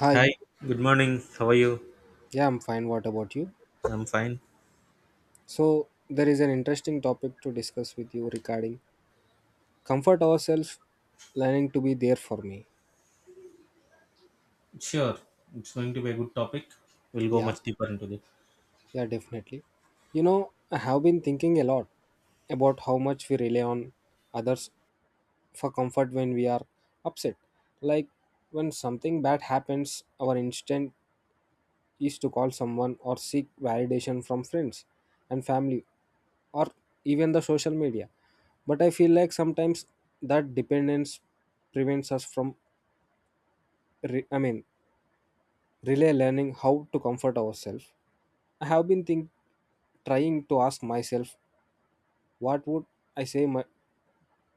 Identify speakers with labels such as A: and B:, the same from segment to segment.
A: Hi,
B: Hi, good morning. How are you?
A: yeah, I'm fine. What about you?
B: I'm fine.
A: So, there is an interesting topic to discuss with you regarding comfort ourselves, learning to be there for me.
B: Sure, it's going to be a good topic. We'll go
A: Yeah,
B: much deeper into this.
A: yeah, definitely. You know, I have been thinking a lot about how much we rely on others for comfort when we are upset. Like, when something bad happens, our instinct is to call someone or seek validation from friends and family or even the social media, but I feel like sometimes that dependence prevents us from re- I mean really learning how to comfort ourselves. I have been think- Trying to ask myself what would I say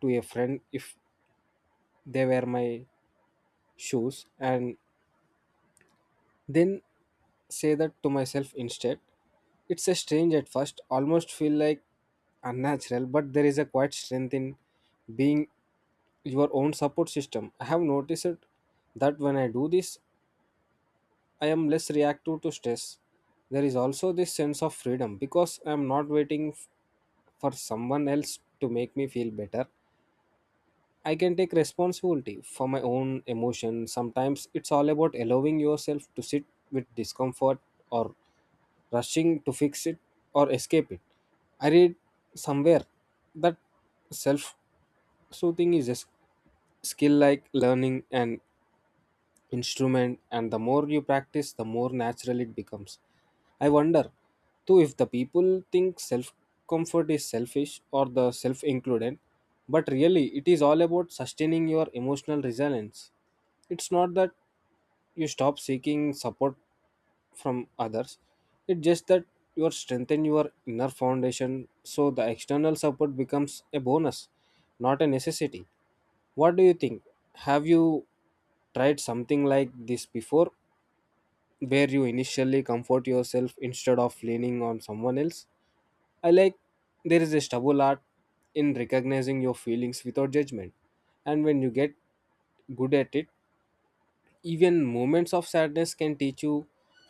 A: to a friend if they were my shoes and then say that to myself instead. It's a strange at first, almost feel like unnatural, but there is a quiet strength in being your own support system. I have noticed it that when I do this, I am less reactive to stress. There is also this sense of freedom because I am not waiting for someone else to make me feel better. I can take responsibility for my own emotions. Sometimes it's all about allowing yourself to sit with discomfort or rushing to fix it or escape it. I read somewhere that self soothing is a skill like learning and instrument, and the more you practice, the more natural it becomes. I wonder, too, if the people think self comfort is selfish or the self included, but really it is all about sustaining your emotional resilience. It's not that you stop seeking support from others, it's just that you are strengthen your inner foundation so the external support becomes a bonus, not a necessity. What do you think? Have you tried something like this before, where you initially comfort yourself instead of leaning on someone else? I like there is a stubble art in recognizing your feelings without judgment, and when you get good at it, even moments of sadness can teach you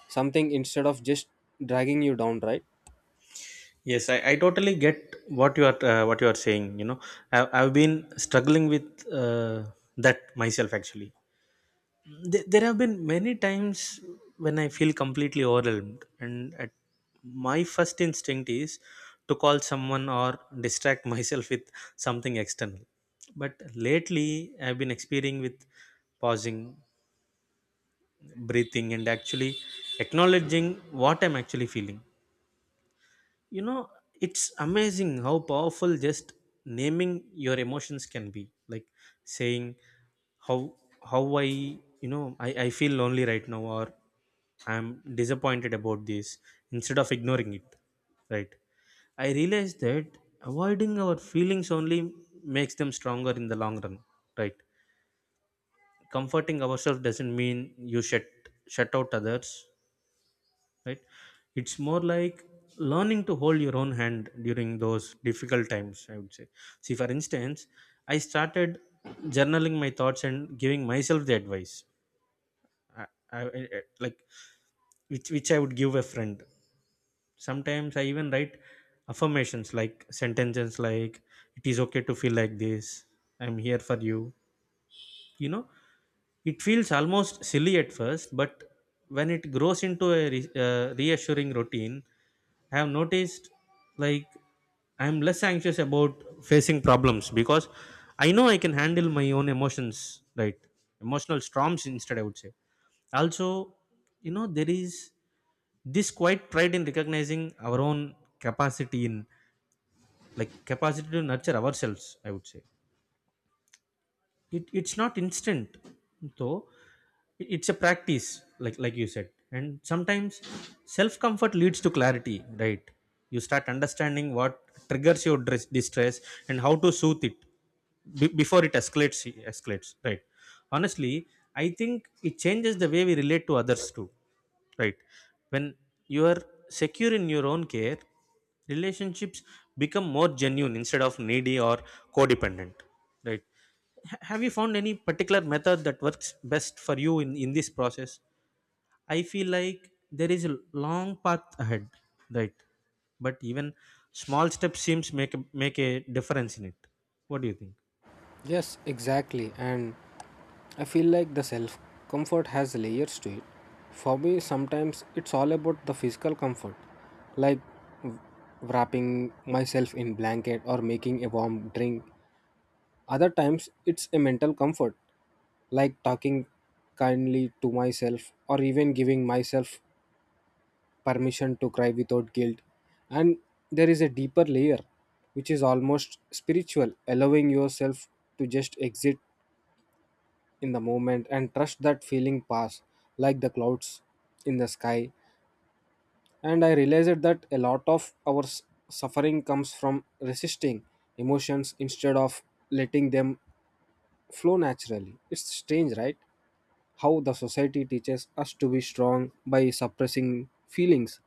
A: something instead of just dragging you down, right?
B: Yes, I totally get what you are saying. You know, I've been struggling with that myself actually. There have been many times when I feel completely overwhelmed, and at my first instinct is to call someone or distract myself with something external. But lately, I've been experiencing with pausing breathing and actually acknowledging what I'm actually feeling. You know, it's amazing how powerful just naming your emotions can be, like saying how how I you know I feel lonely right now, or I'm disappointed about this instead of ignoring it, right? I realized that avoiding our feelings only makes them stronger in the long run, right? Comforting ourselves doesn't mean you shut out others, right? It's more like learning to hold your own hand during those difficult times, I would say. See, for instance, I started journaling my thoughts and giving myself the advice I, I, I- like which I would give a friend. Sometimes I even write affirmations, like sentences like it is okay to feel like this, I'm here for you, you know? It feels almost silly at first, but when it grows into a reassuring routine, I have noticed, like, I'm less anxious about facing problems because I know I can handle my own emotions, right? Emotional storms instead, I would say. Also, you know, there is this quiet pride in recognizing our own capacity in, like, capacity to nurture ourselves, I would say. It's not instant though. It's a practice, like you said, and sometimes self comfort leads to clarity, right? You start understanding what triggers your distress and how to soothe it before it escalates, right? Honestly, I think it changes the way we relate to others too, right? When you are secure in your own care, relationships become more genuine instead of needy or codependent, right? Have you found any particular method that works best for you in this process? I feel like there is a long path ahead, right? But even small steps seems make make a difference in it. What do you think?
A: Yes, exactly. And I feel like the self comfort has layers to it. For me, sometimes it's all about the physical comfort, like wrapping myself in blanket or making a warm drink. Other times, it's a mental comfort, like talking kindly to myself or even giving myself permission to cry without guilt. And there is a deeper layer, which is almost spiritual, allowing yourself to just exit in the moment and trust that feeling pass like the clouds in the sky. And I realized that a lot of our suffering comes from resisting emotions instead of letting them flow naturally. It's strange, right? How the society teaches us to be strong by suppressing feelings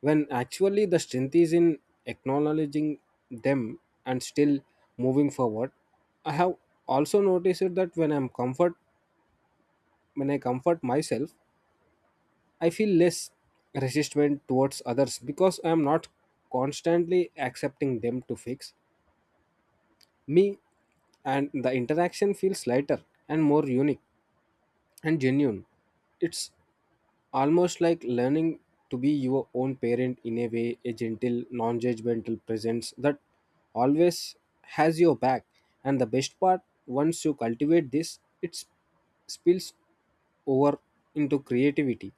A: when actually the strength is in acknowledging them and still moving forward. I have also noticed that when I comfort myself, I feel less resistment towards others because I am not constantly accepting them to fix me, and the interaction feels lighter and more unique and genuine. It's almost like learning to be your own parent in a way, a gentle, non judgmental presence that always has your back. And the best part, once you cultivate this, it spills over into creativity,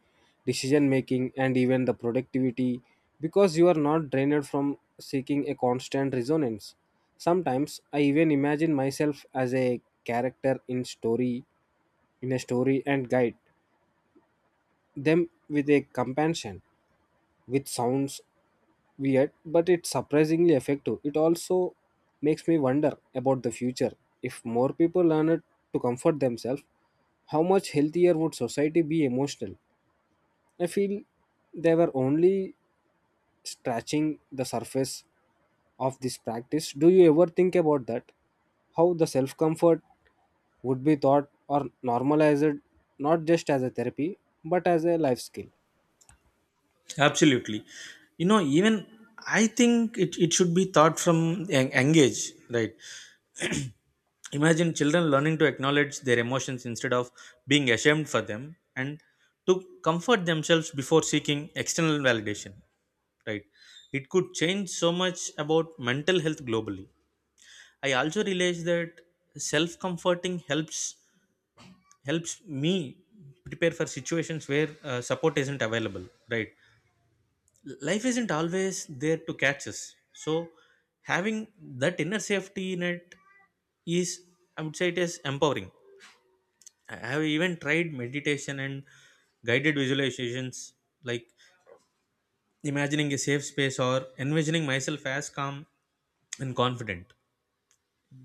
A: decision making, and even the productivity, because you are not drained from seeking a constant resonance. Sometimes I even imagine myself as a character in a story and guide them with a companion, which sounds weird, but it's surprisingly effective. It also makes me wonder about the future. If more people learn it to comfort themselves, how much healthier would society be emotional? I feel they were only scratching the surface of this practice. Do you ever think about that? How the self comfort would be taught or normalized, not just as a therapy but as a life skill?
B: Absolutely. You know, even I think it should be taught from young age, right? Imagine children learning to acknowledge their emotions instead of being ashamed for them and to comfort themselves before seeking external validation, right? It could change so much about mental health globally. I also realized that self-comforting helps me prepare for situations where support isn't available, right? Life isn't always there to catch us. So having that inner safety net is, I would say it is empowering. I have even tried meditation and guided visualizations, like imagining a safe space or envisioning myself as calm and confident.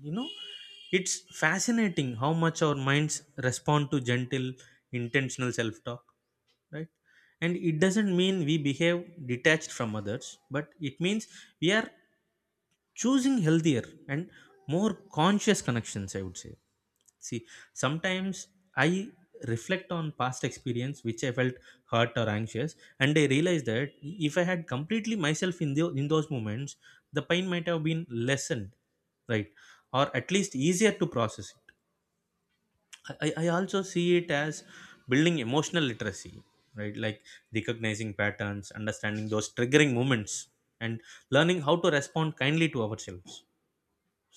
B: You know, it's fascinating how much our minds respond to gentle, intentional self talk, right? And it doesn't mean we behave detached from others, but it means we are choosing healthier and more conscious connections, I would say. See, sometimes I reflect on past experience which I felt hurt or anxious, and I realize that if I had completely myself in in those moments the pain might have been lessened, right? Or at least easier to process it. I also see it as building emotional literacy, right? Like recognizing patterns, understanding those triggering moments and learning how to respond kindly to ourselves.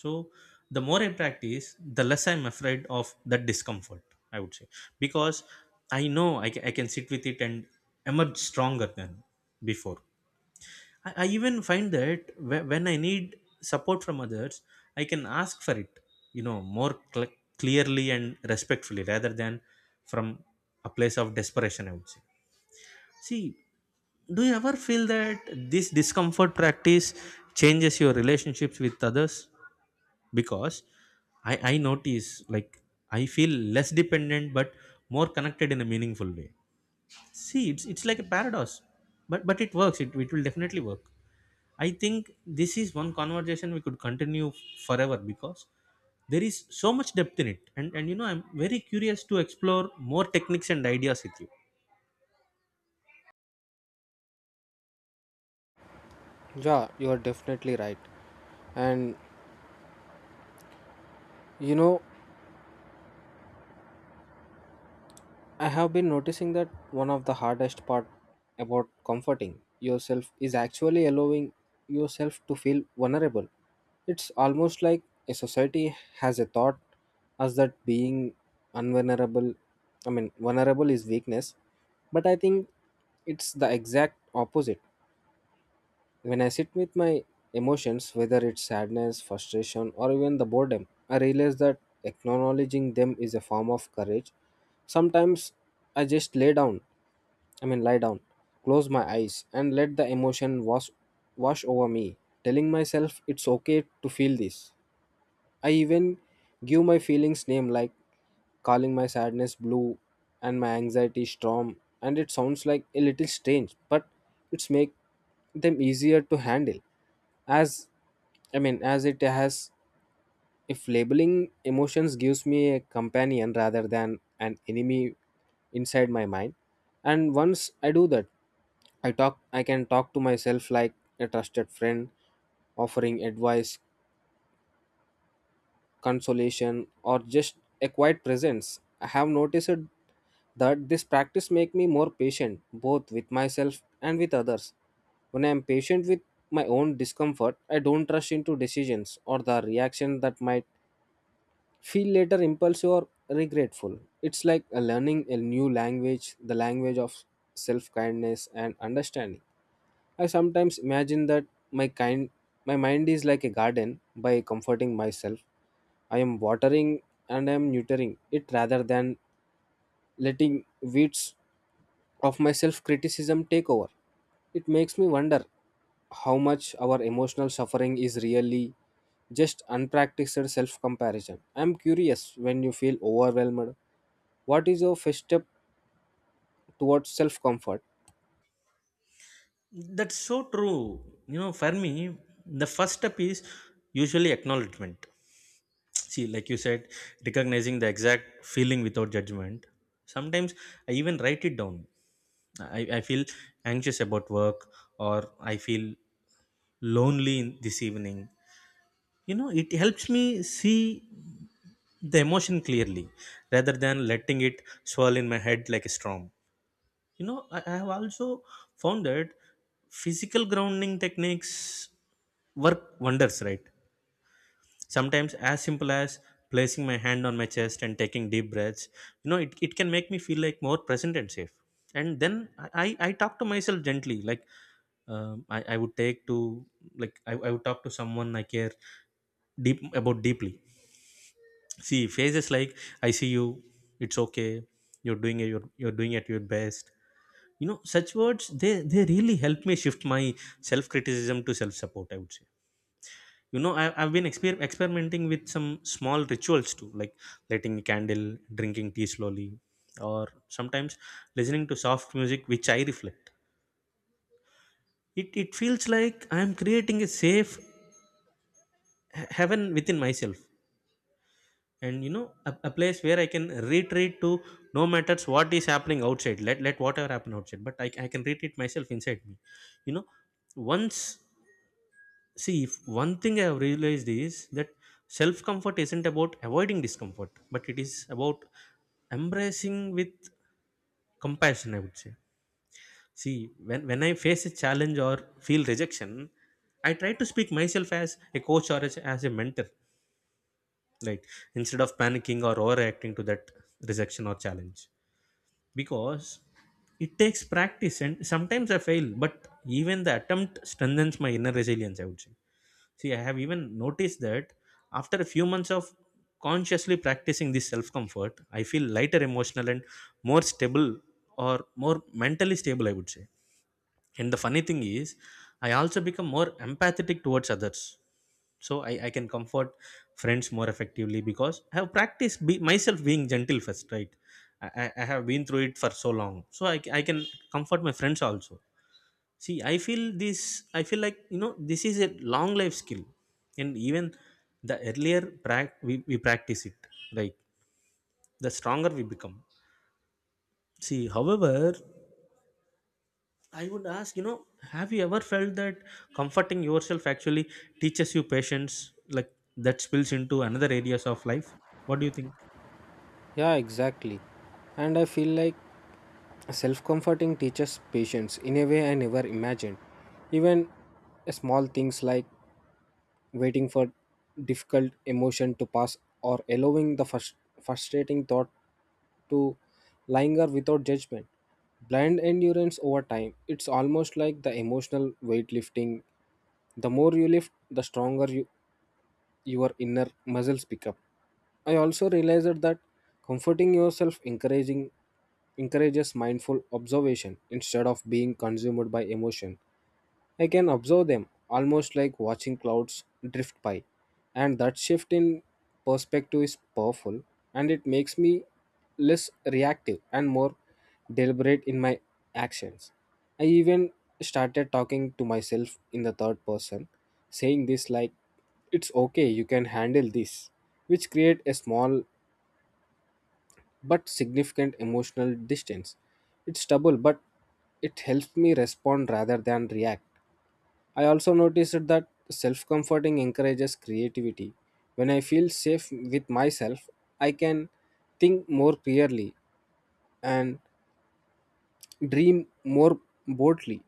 B: So the more I practice, the less I'm afraid of that discomfort, I would say. Because I know I can sit with it and emerge stronger than before. I even find that when I need support from others, I can ask for it, you know, more clearly and respectfully rather than from a place of desperation, I would say. See, do you ever feel that this discomfort practice changes your relationships with others? Because I notice, like, I feel less dependent but more connected in a meaningful way. See, it's like a paradox, but it works, it will definitely work. I think this is one conversation we could continue forever because there is so much depth in it, and you know I'm very curious to explore more techniques and ideas with you.
A: Yeah, you are definitely right. And you know, I have been noticing that one of the hardest part about comforting yourself is actually allowing yourself to feel vulnerable. It's almost like a society has a thought as that being unvulnerable, vulnerable is weakness, but I think it's the exact opposite. When I sit with my emotions, whether it's sadness, frustration, or even the boredom, I realize that acknowledging them is a form of courage. Sometimes I just lay down, I mean, lie down, close my eyes, and let the emotion wash over me, telling myself it's okay to feel this. I even give my feelings name like calling my sadness blue and my anxiety storm, and it sounds like a little strange but it's make them easier to handle, as I mean as it has, if labeling emotions gives me a companion rather than an enemy inside my mind. And once I do that, I can talk to myself like a trusted friend offering advice, consolation, or just a quiet presence. I have noticed that this practice make me more patient both with myself and with others. When I am patient with my own discomfort, I don't rush into decisions or the reaction that might feel later impulsive or regretful. It's like a learning a new language, the language of self kindness and understanding. I sometimes imagine that my kind my mind is like a garden. By comforting myself, I am watering and I am neutering it rather than letting weeds of my self criticism take over. It makes me wonder how much our emotional suffering is really just unpracticed self comparison. I am curious, when you feel overwhelmed, what is your first step towards self comfort?
B: That's so true. You know, for me the first step is usually acknowledgement. See, like you said, recognizing the exact feeling without judgment. Sometimes I even write it down. I feel anxious about work, or I feel lonely in this evening. You know, it helps me see the emotion clearly rather than letting it swirl in my head like a storm. You know, I have also found that physical grounding techniques work wonders, right? Sometimes as simple as placing my hand on my chest and taking deep breaths. You know, it can make me feel like more present and safe. And then I talk to myself gently, like, I would take to, like, I would talk to someone I care deeply. See phrases like I see you, it's okay, you're doing it, you're doing it your best. You know, such words, they really help me shift my self criticism to self support, I would say. You know, I've been experimenting with some small rituals too, like lighting a candle, drinking tea slowly, or sometimes listening to soft music, which I reflect it feels like I'm creating a safe heaven within myself. And you know a place where I can retreat to no matters what is happening outside. Let let whatever happen outside but I can retreat myself inside me, you know? Once, see if one thing I have realized is that self comfort isn't about avoiding discomfort but it is about embracing with compassion, I would say. See, when I face a challenge or feel rejection, I try to speak myself as a coach or as a mentor, right? Instead of panicking or overreacting to that rejection or challenge. Because it takes practice and sometimes I fail, but even the attempt strengthens my inner resilience, I would say. See, I have even noticed that after a few months of consciously practicing this self comfort, I feel lighter emotional and more stable, or more mentally stable, I would say. And the funny thing is, I also become more empathetic towards others. So I can comfort friends more effectively because I have practiced myself being gentle first, right? I have been through it for so long. So I can comfort my friends also. See, I feel this, I feel like, you know, this is a long life skill. And even the earlier we practice it, like, the stronger we become. See, however, I would ask, you know, have you ever felt that comforting yourself actually teaches you patience, like that spills into another areas of life? What do you think?
A: Yeah, exactly. And I feel like self comforting teaches patience in a way I never imagined. Even small things like waiting for difficult emotion to pass or allowing the frustrating thought to linger without judgment blind endurance over time. It's almost like the emotional weightlifting, the more you lift the stronger your inner muscles pick up. I also realized that comforting yourself encouraging encourages mindful observation instead of being consumed by emotion. I can observe them almost like watching clouds drift by, and that shift in perspective is powerful, and it makes me less reactive and more deliberate in my actions. I even started talking to myself in the third person, saying this like, it's okay, you can handle this, which create a small but significant emotional distance. It's double, but it helps me respond rather than react. I also noticed that self comforting encourages creativity. When I feel safe with myself, I can think more clearly and dream more boldly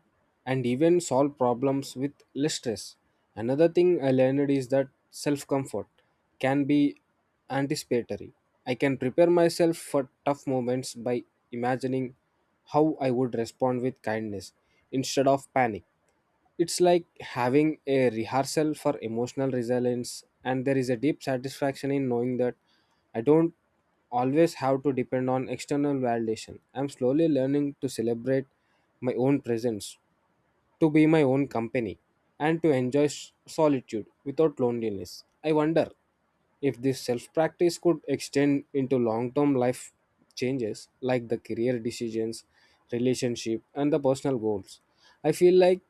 A: and even solve problems with less stress. Another thing I learned is that self comfort can be anticipatory. I can prepare myself for tough moments by imagining how I would respond with kindness instead of panic. It's like having a rehearsal for emotional resilience, and there is a deep satisfaction in knowing that I don't always have to depend on external validation. I'm slowly learning to celebrate my own presence, to be my own company, and to enjoy solitude without loneliness. I wonder if this self practice could extend into long term life changes like the career decisions, relationship, and the personal goals. I feel like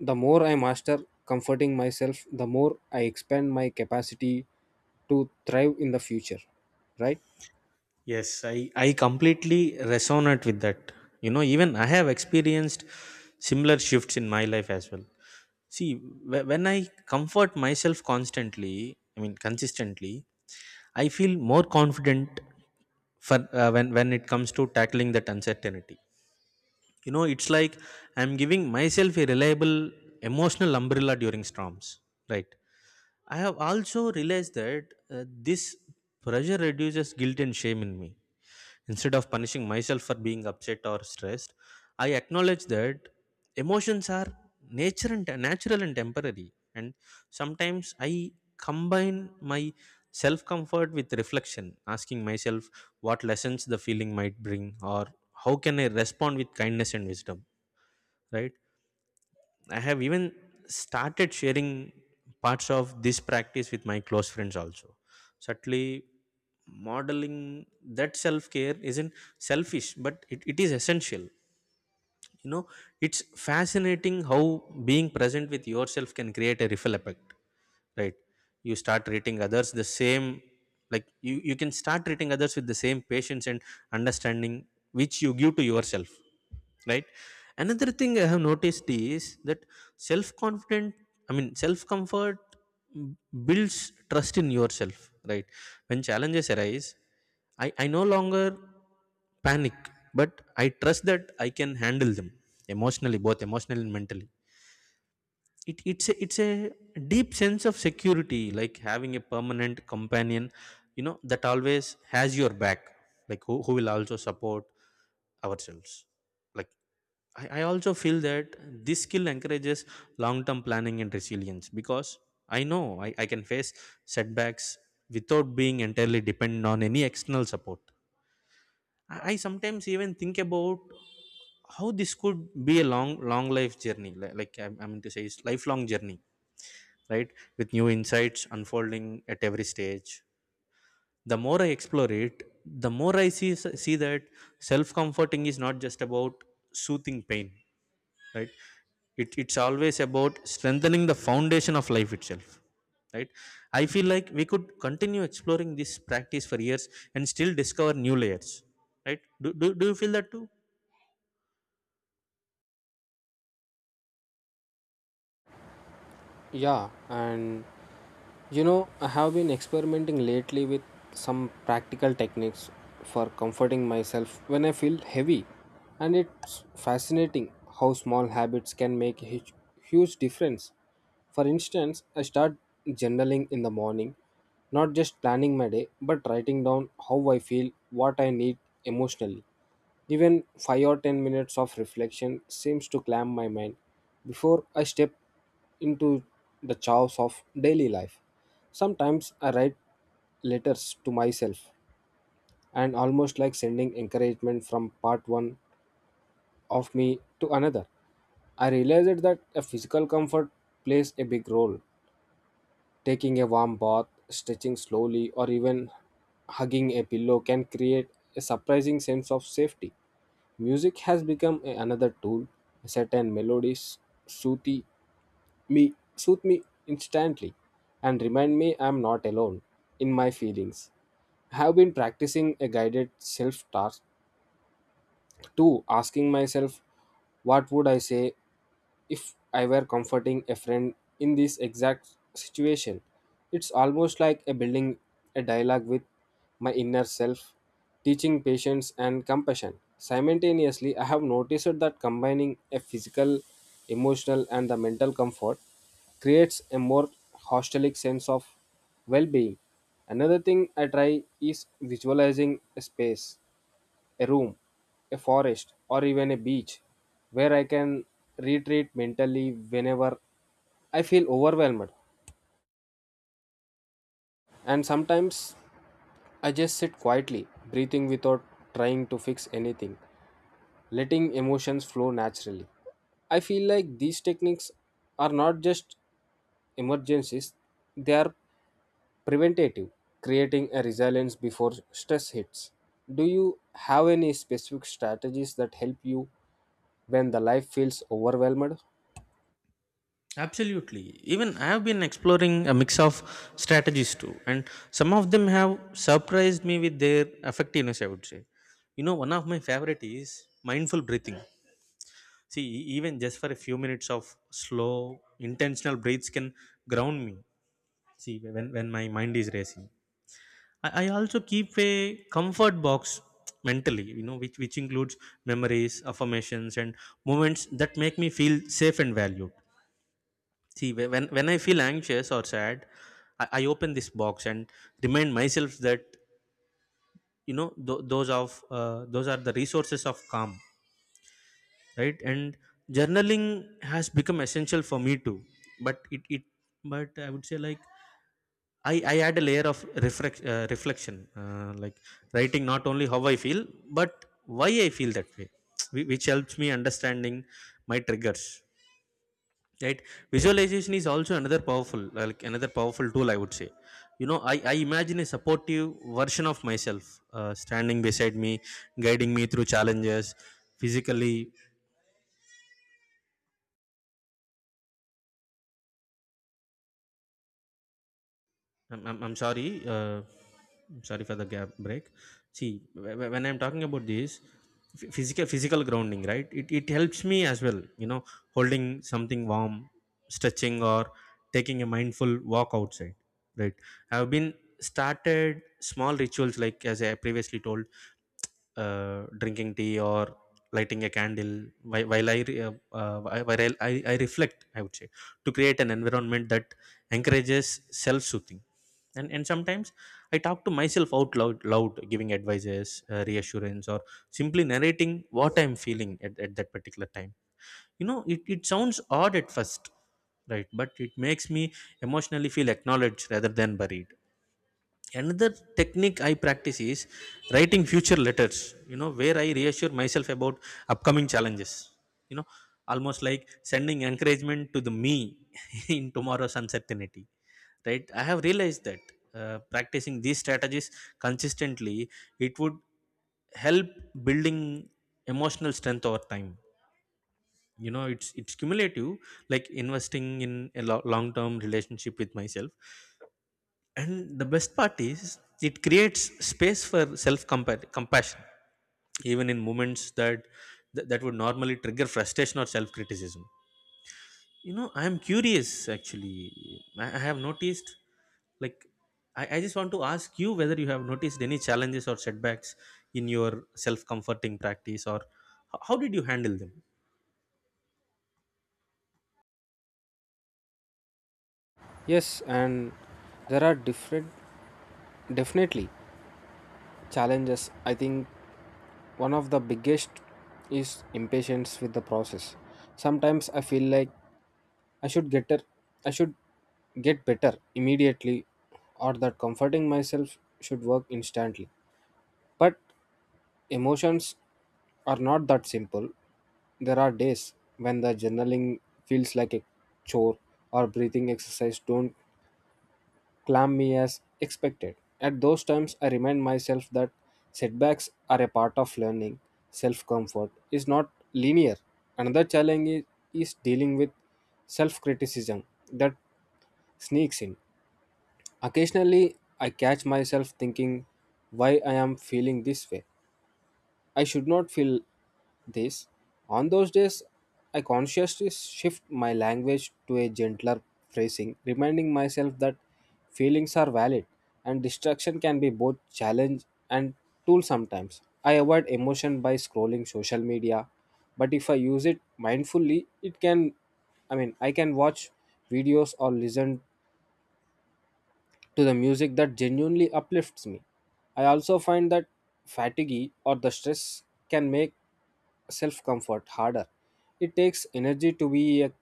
A: the more I master comforting myself, the more I expand my capacity to thrive in the future, right?
B: Yes, I completely resonate with that. You know, even I have experienced similar shifts in my life as well. See, when I comfort myself constantly, I mean consistently, I feel more confident for when it comes to tackling that uncertainty. You know, it's like I'm giving myself a reliable emotional umbrella during storms, right? I have also realized that this pressure reduces guilt and shame in me. Instead of punishing myself for being upset or stressed, I acknowledge that emotions are nature and natural and temporary. And sometimes I combine my self comfort with reflection, asking myself what lessons the feeling might bring, or how can I respond with kindness and wisdom, right? I have even started sharing parts of this practice with my close friends also. Certainly, modeling that self care isn't selfish, but it is essential. You know, it's fascinating how being present with yourself can create a ripple effect, right? You start treating others the same, like you can start treating others with the same patience and understanding which you give to yourself, right? Another thing I have noticed is that self confident I mean self comfort builds trust in yourself, right? When challenges arise, I no longer panic, but I trust that I can handle them emotionally both emotionally and mentally. It's a deep sense of security, like having a permanent companion, you know, that always has your back, like who will also support ourselves. Like I also feel that this skill encourages long-term planning and resilience because I know I can face setbacks without being entirely dependent on any external support. I sometimes even think about how this could be a long long life journey li- like I'm to say, it's lifelong journey, right? With new insights unfolding at every stage. The more I explore it, the more I see that self comforting is not just about soothing pain, right? It's always about strengthening the foundation of life itself, right? I feel like we could continue exploring this practice for years and still discover new layers, right? Do you feel that too?
A: Yeah, and you know, I have been experimenting lately with some practical techniques for comforting myself when I feel heavy, and it's fascinating how small habits can make a huge difference. For instance, I start journaling in the morning, not just planning my day, but writing down how I feel, what I need emotionally. Even 5 or 10 minutes of reflection seems to calm my mind before I step into the chaos of daily life. Sometimes I write letters to myself, and almost like sending encouragement from part one of me to another. I realized that a physical comfort plays a big role. Taking a warm bath, stretching slowly, or even hugging a pillow can create a surprising sense of safety. Music has become another tool. Certain melodies soothe me soothe me instantly and remind me I'm not alone in my feelings. I have been practicing a guided self talk two, asking myself, what would I say if I were comforting a friend in this exact situation? It's almost like a building a dialogue with my inner self, teaching patience and compassion. Simultaneously, I have noticed that combining a physical, emotional, and the mental comfort creates a more holistic sense of well-being. Another thing I try is visualizing a space, a room, a forest, or even a beach where I can retreat mentally whenever I feel overwhelmed. And sometimes I just sit quietly, breathing without trying to fix anything, letting emotions flow naturally. I feel like these techniques are not just emergencies, they are preventative, creating a resilience before stress hits. Do you have any specific strategies that help you when the life feels overwhelmed?
B: Absolutely. Even I have been exploring a mix of strategies too, and some of them have surprised me with their effectiveness, I would say. You know, one of my favorite is mindful breathing. See, even just for a few minutes of slow, intentional breaths can ground me. See, when my mind is racing, I also keep a comfort box mentally, you know, which includes memories, affirmations, and moments that make me feel safe and valued. See, when I feel anxious or sad, I open this box and remind myself that, you know, those are the resources of calm, right? And journaling has become essential for me too. But it but I would say, like, I add a layer of reflection, like writing not only how I feel, but why I feel that way, which helps me understanding my triggers, right? Visualization is also another powerful tool, I would say. You know, I imagine a supportive version of myself, standing beside me, guiding me through challenges physically. I'm sorry. I'm sorry for the gap break. See, when I'm talking about this physical grounding, right? It helps me as well. You know, holding something warm, stretching, or taking a mindful walk outside. Right. I've been started small rituals, like as I previously told, drinking tea or lighting a candle while I, re- while I reflect, I would say, to create an environment that encourages self-soothing. And sometimes I talk to myself out loud, giving advices, reassurance, or simply narrating what I'm feeling at that particular time. You know, it sounds odd at first, right? But it makes me emotionally feel acknowledged rather than buried. Another technique I practice is writing future letters, you know, where I reassure myself about upcoming challenges, you know, almost like sending encouragement to the me in tomorrow's uncertainty, right? I have realized that practicing these strategies consistently, it would help building emotional strength over time. You know, it's cumulative, like investing in a long term relationship with myself. And the best part is it creates space for self compassion, even in moments that that would normally trigger frustration or self criticism. You know, I am curious actually. I have noticed, like, I just want to ask you whether you have noticed any challenges or setbacks in your self comforting practice, or how did you handle them?
A: Yes, and there are different definitely challenges, I think. One of the biggest is impatience with the process. Sometimes I feel like i should get her I should get better immediately, or that comforting myself should work instantly, but emotions are not that simple. There are days when the journaling feels like a chore or breathing exercise don't clammy as expected. At those times, I remind myself that setbacks are a part of learning. Self comfort is not linear. Another challenge is dealing with self criticism that sneaks in. Occasionally, I catch myself thinking why I am feeling this way, I should not feel this. On those days, I consciously shift my language to a gentler phrasing, reminding myself that feelings are valid, and distraction can be both challenge and tool. Sometimes I avoid emotion by scrolling social media, but if I use it mindfully, it can I mean I can watch videos or listen to the music that genuinely uplifts me. I also find that fatigue or the stress can make self comfort harder. It takes energy to be a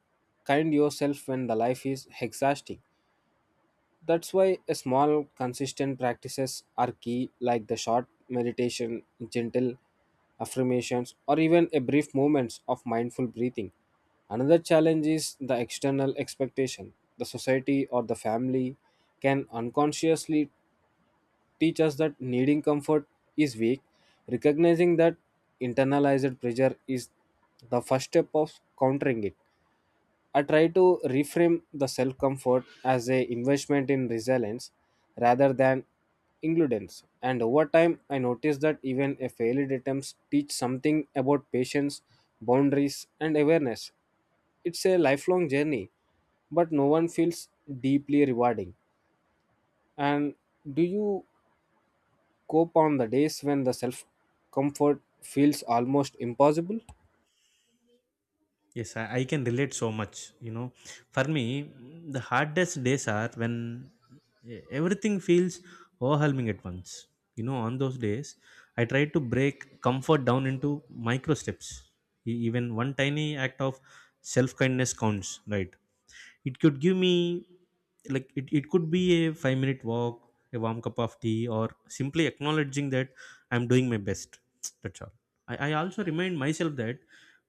A: kind yourself when the life is exhausting. That's why a small consistent practices are key, like the short meditation, gentle affirmations, or even a brief moments of mindful breathing. Another challenge is the external expectation. The society or the family can unconsciously teach us that needing comfort is weak. Recognizing that internalized pressure is the first step of countering it. I try to reframe the self comfort as a investment in resilience rather than includence. And over time, I noticed that even a failed attempts teach something about patience, boundaries, and awareness. It's a lifelong journey, but no one feels deeply rewarding. And do you cope on the days when the self comfort feels almost impossible?
B: Yes, I can relate so much. You know, for me, the hardest days are when everything feels overwhelming at once. You know, on those days, I try to break comfort down into micro steps. Even one tiny act of self kindness counts, right? It could give me, like, it could be a 5 minute walk, a warm cup of tea, or simply acknowledging that I'm doing my best. That's all. I also remind myself that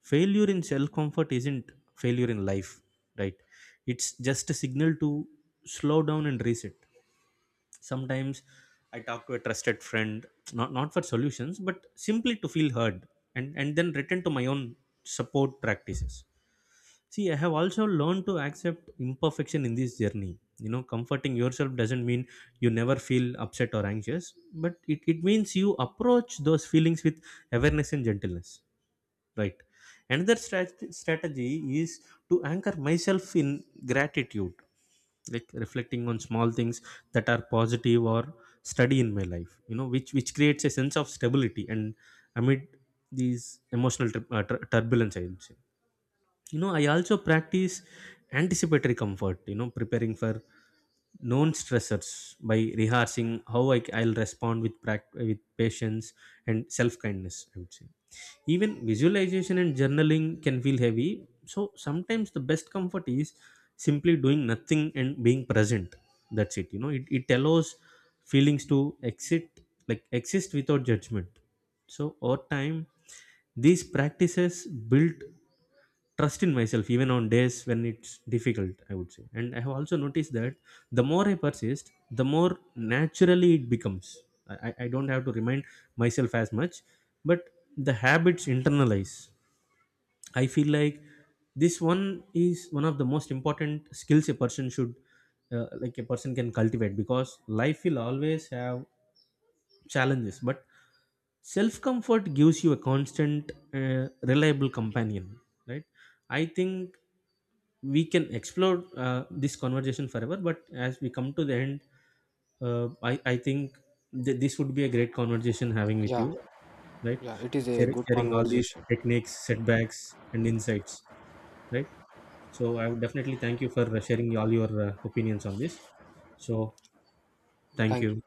B: failure in self comfort isn't failure in life, right? It's just a signal to slow down and reset. Sometimes I talk to a trusted friend, not for solutions, but simply to feel heard, and then return to my own support practices. See, I have also learned to accept imperfection in this journey. You know, comforting yourself doesn't mean you never feel upset or anxious, but it means you approach those feelings with awareness and gentleness. Right. Another strategy is to anchor myself in gratitude, like reflecting on small things that are positive or study in my life, you know, which creates a sense of stability and amid these emotional turbulence, I would say. You know, I also practice anticipatory comfort, you know, preparing for known stressors by rehearsing how I'll respond with with patience and self kindness, I would say. Even visualization and journaling can feel heavy, so sometimes the best comfort is simply doing nothing and being present. That's it. You know, it allows feelings to exit like exist without judgment. So over time, these practices build trust in myself even on days when it's difficult, I would say. And I have also noticed that the more I persist, the more naturally it becomes. I don't have to remind myself as much, but the habits internalize. I feel like this one is one of the most important skills a person should, a person can cultivate, because life will always have challenges, but self comfort gives you a constant, uh, reliable companion, right? I think we can explore, this conversation forever, but as we come to the end, I think this would be a great conversation having with you,
A: Yeah,
B: right?
A: yeah, it is a good
B: Sharing all these
A: conversation.
B: techniques, setbacks, and insights, right? So I would definitely thank you for, sharing all your, opinions on this. So thank
A: Thank you.
B: you.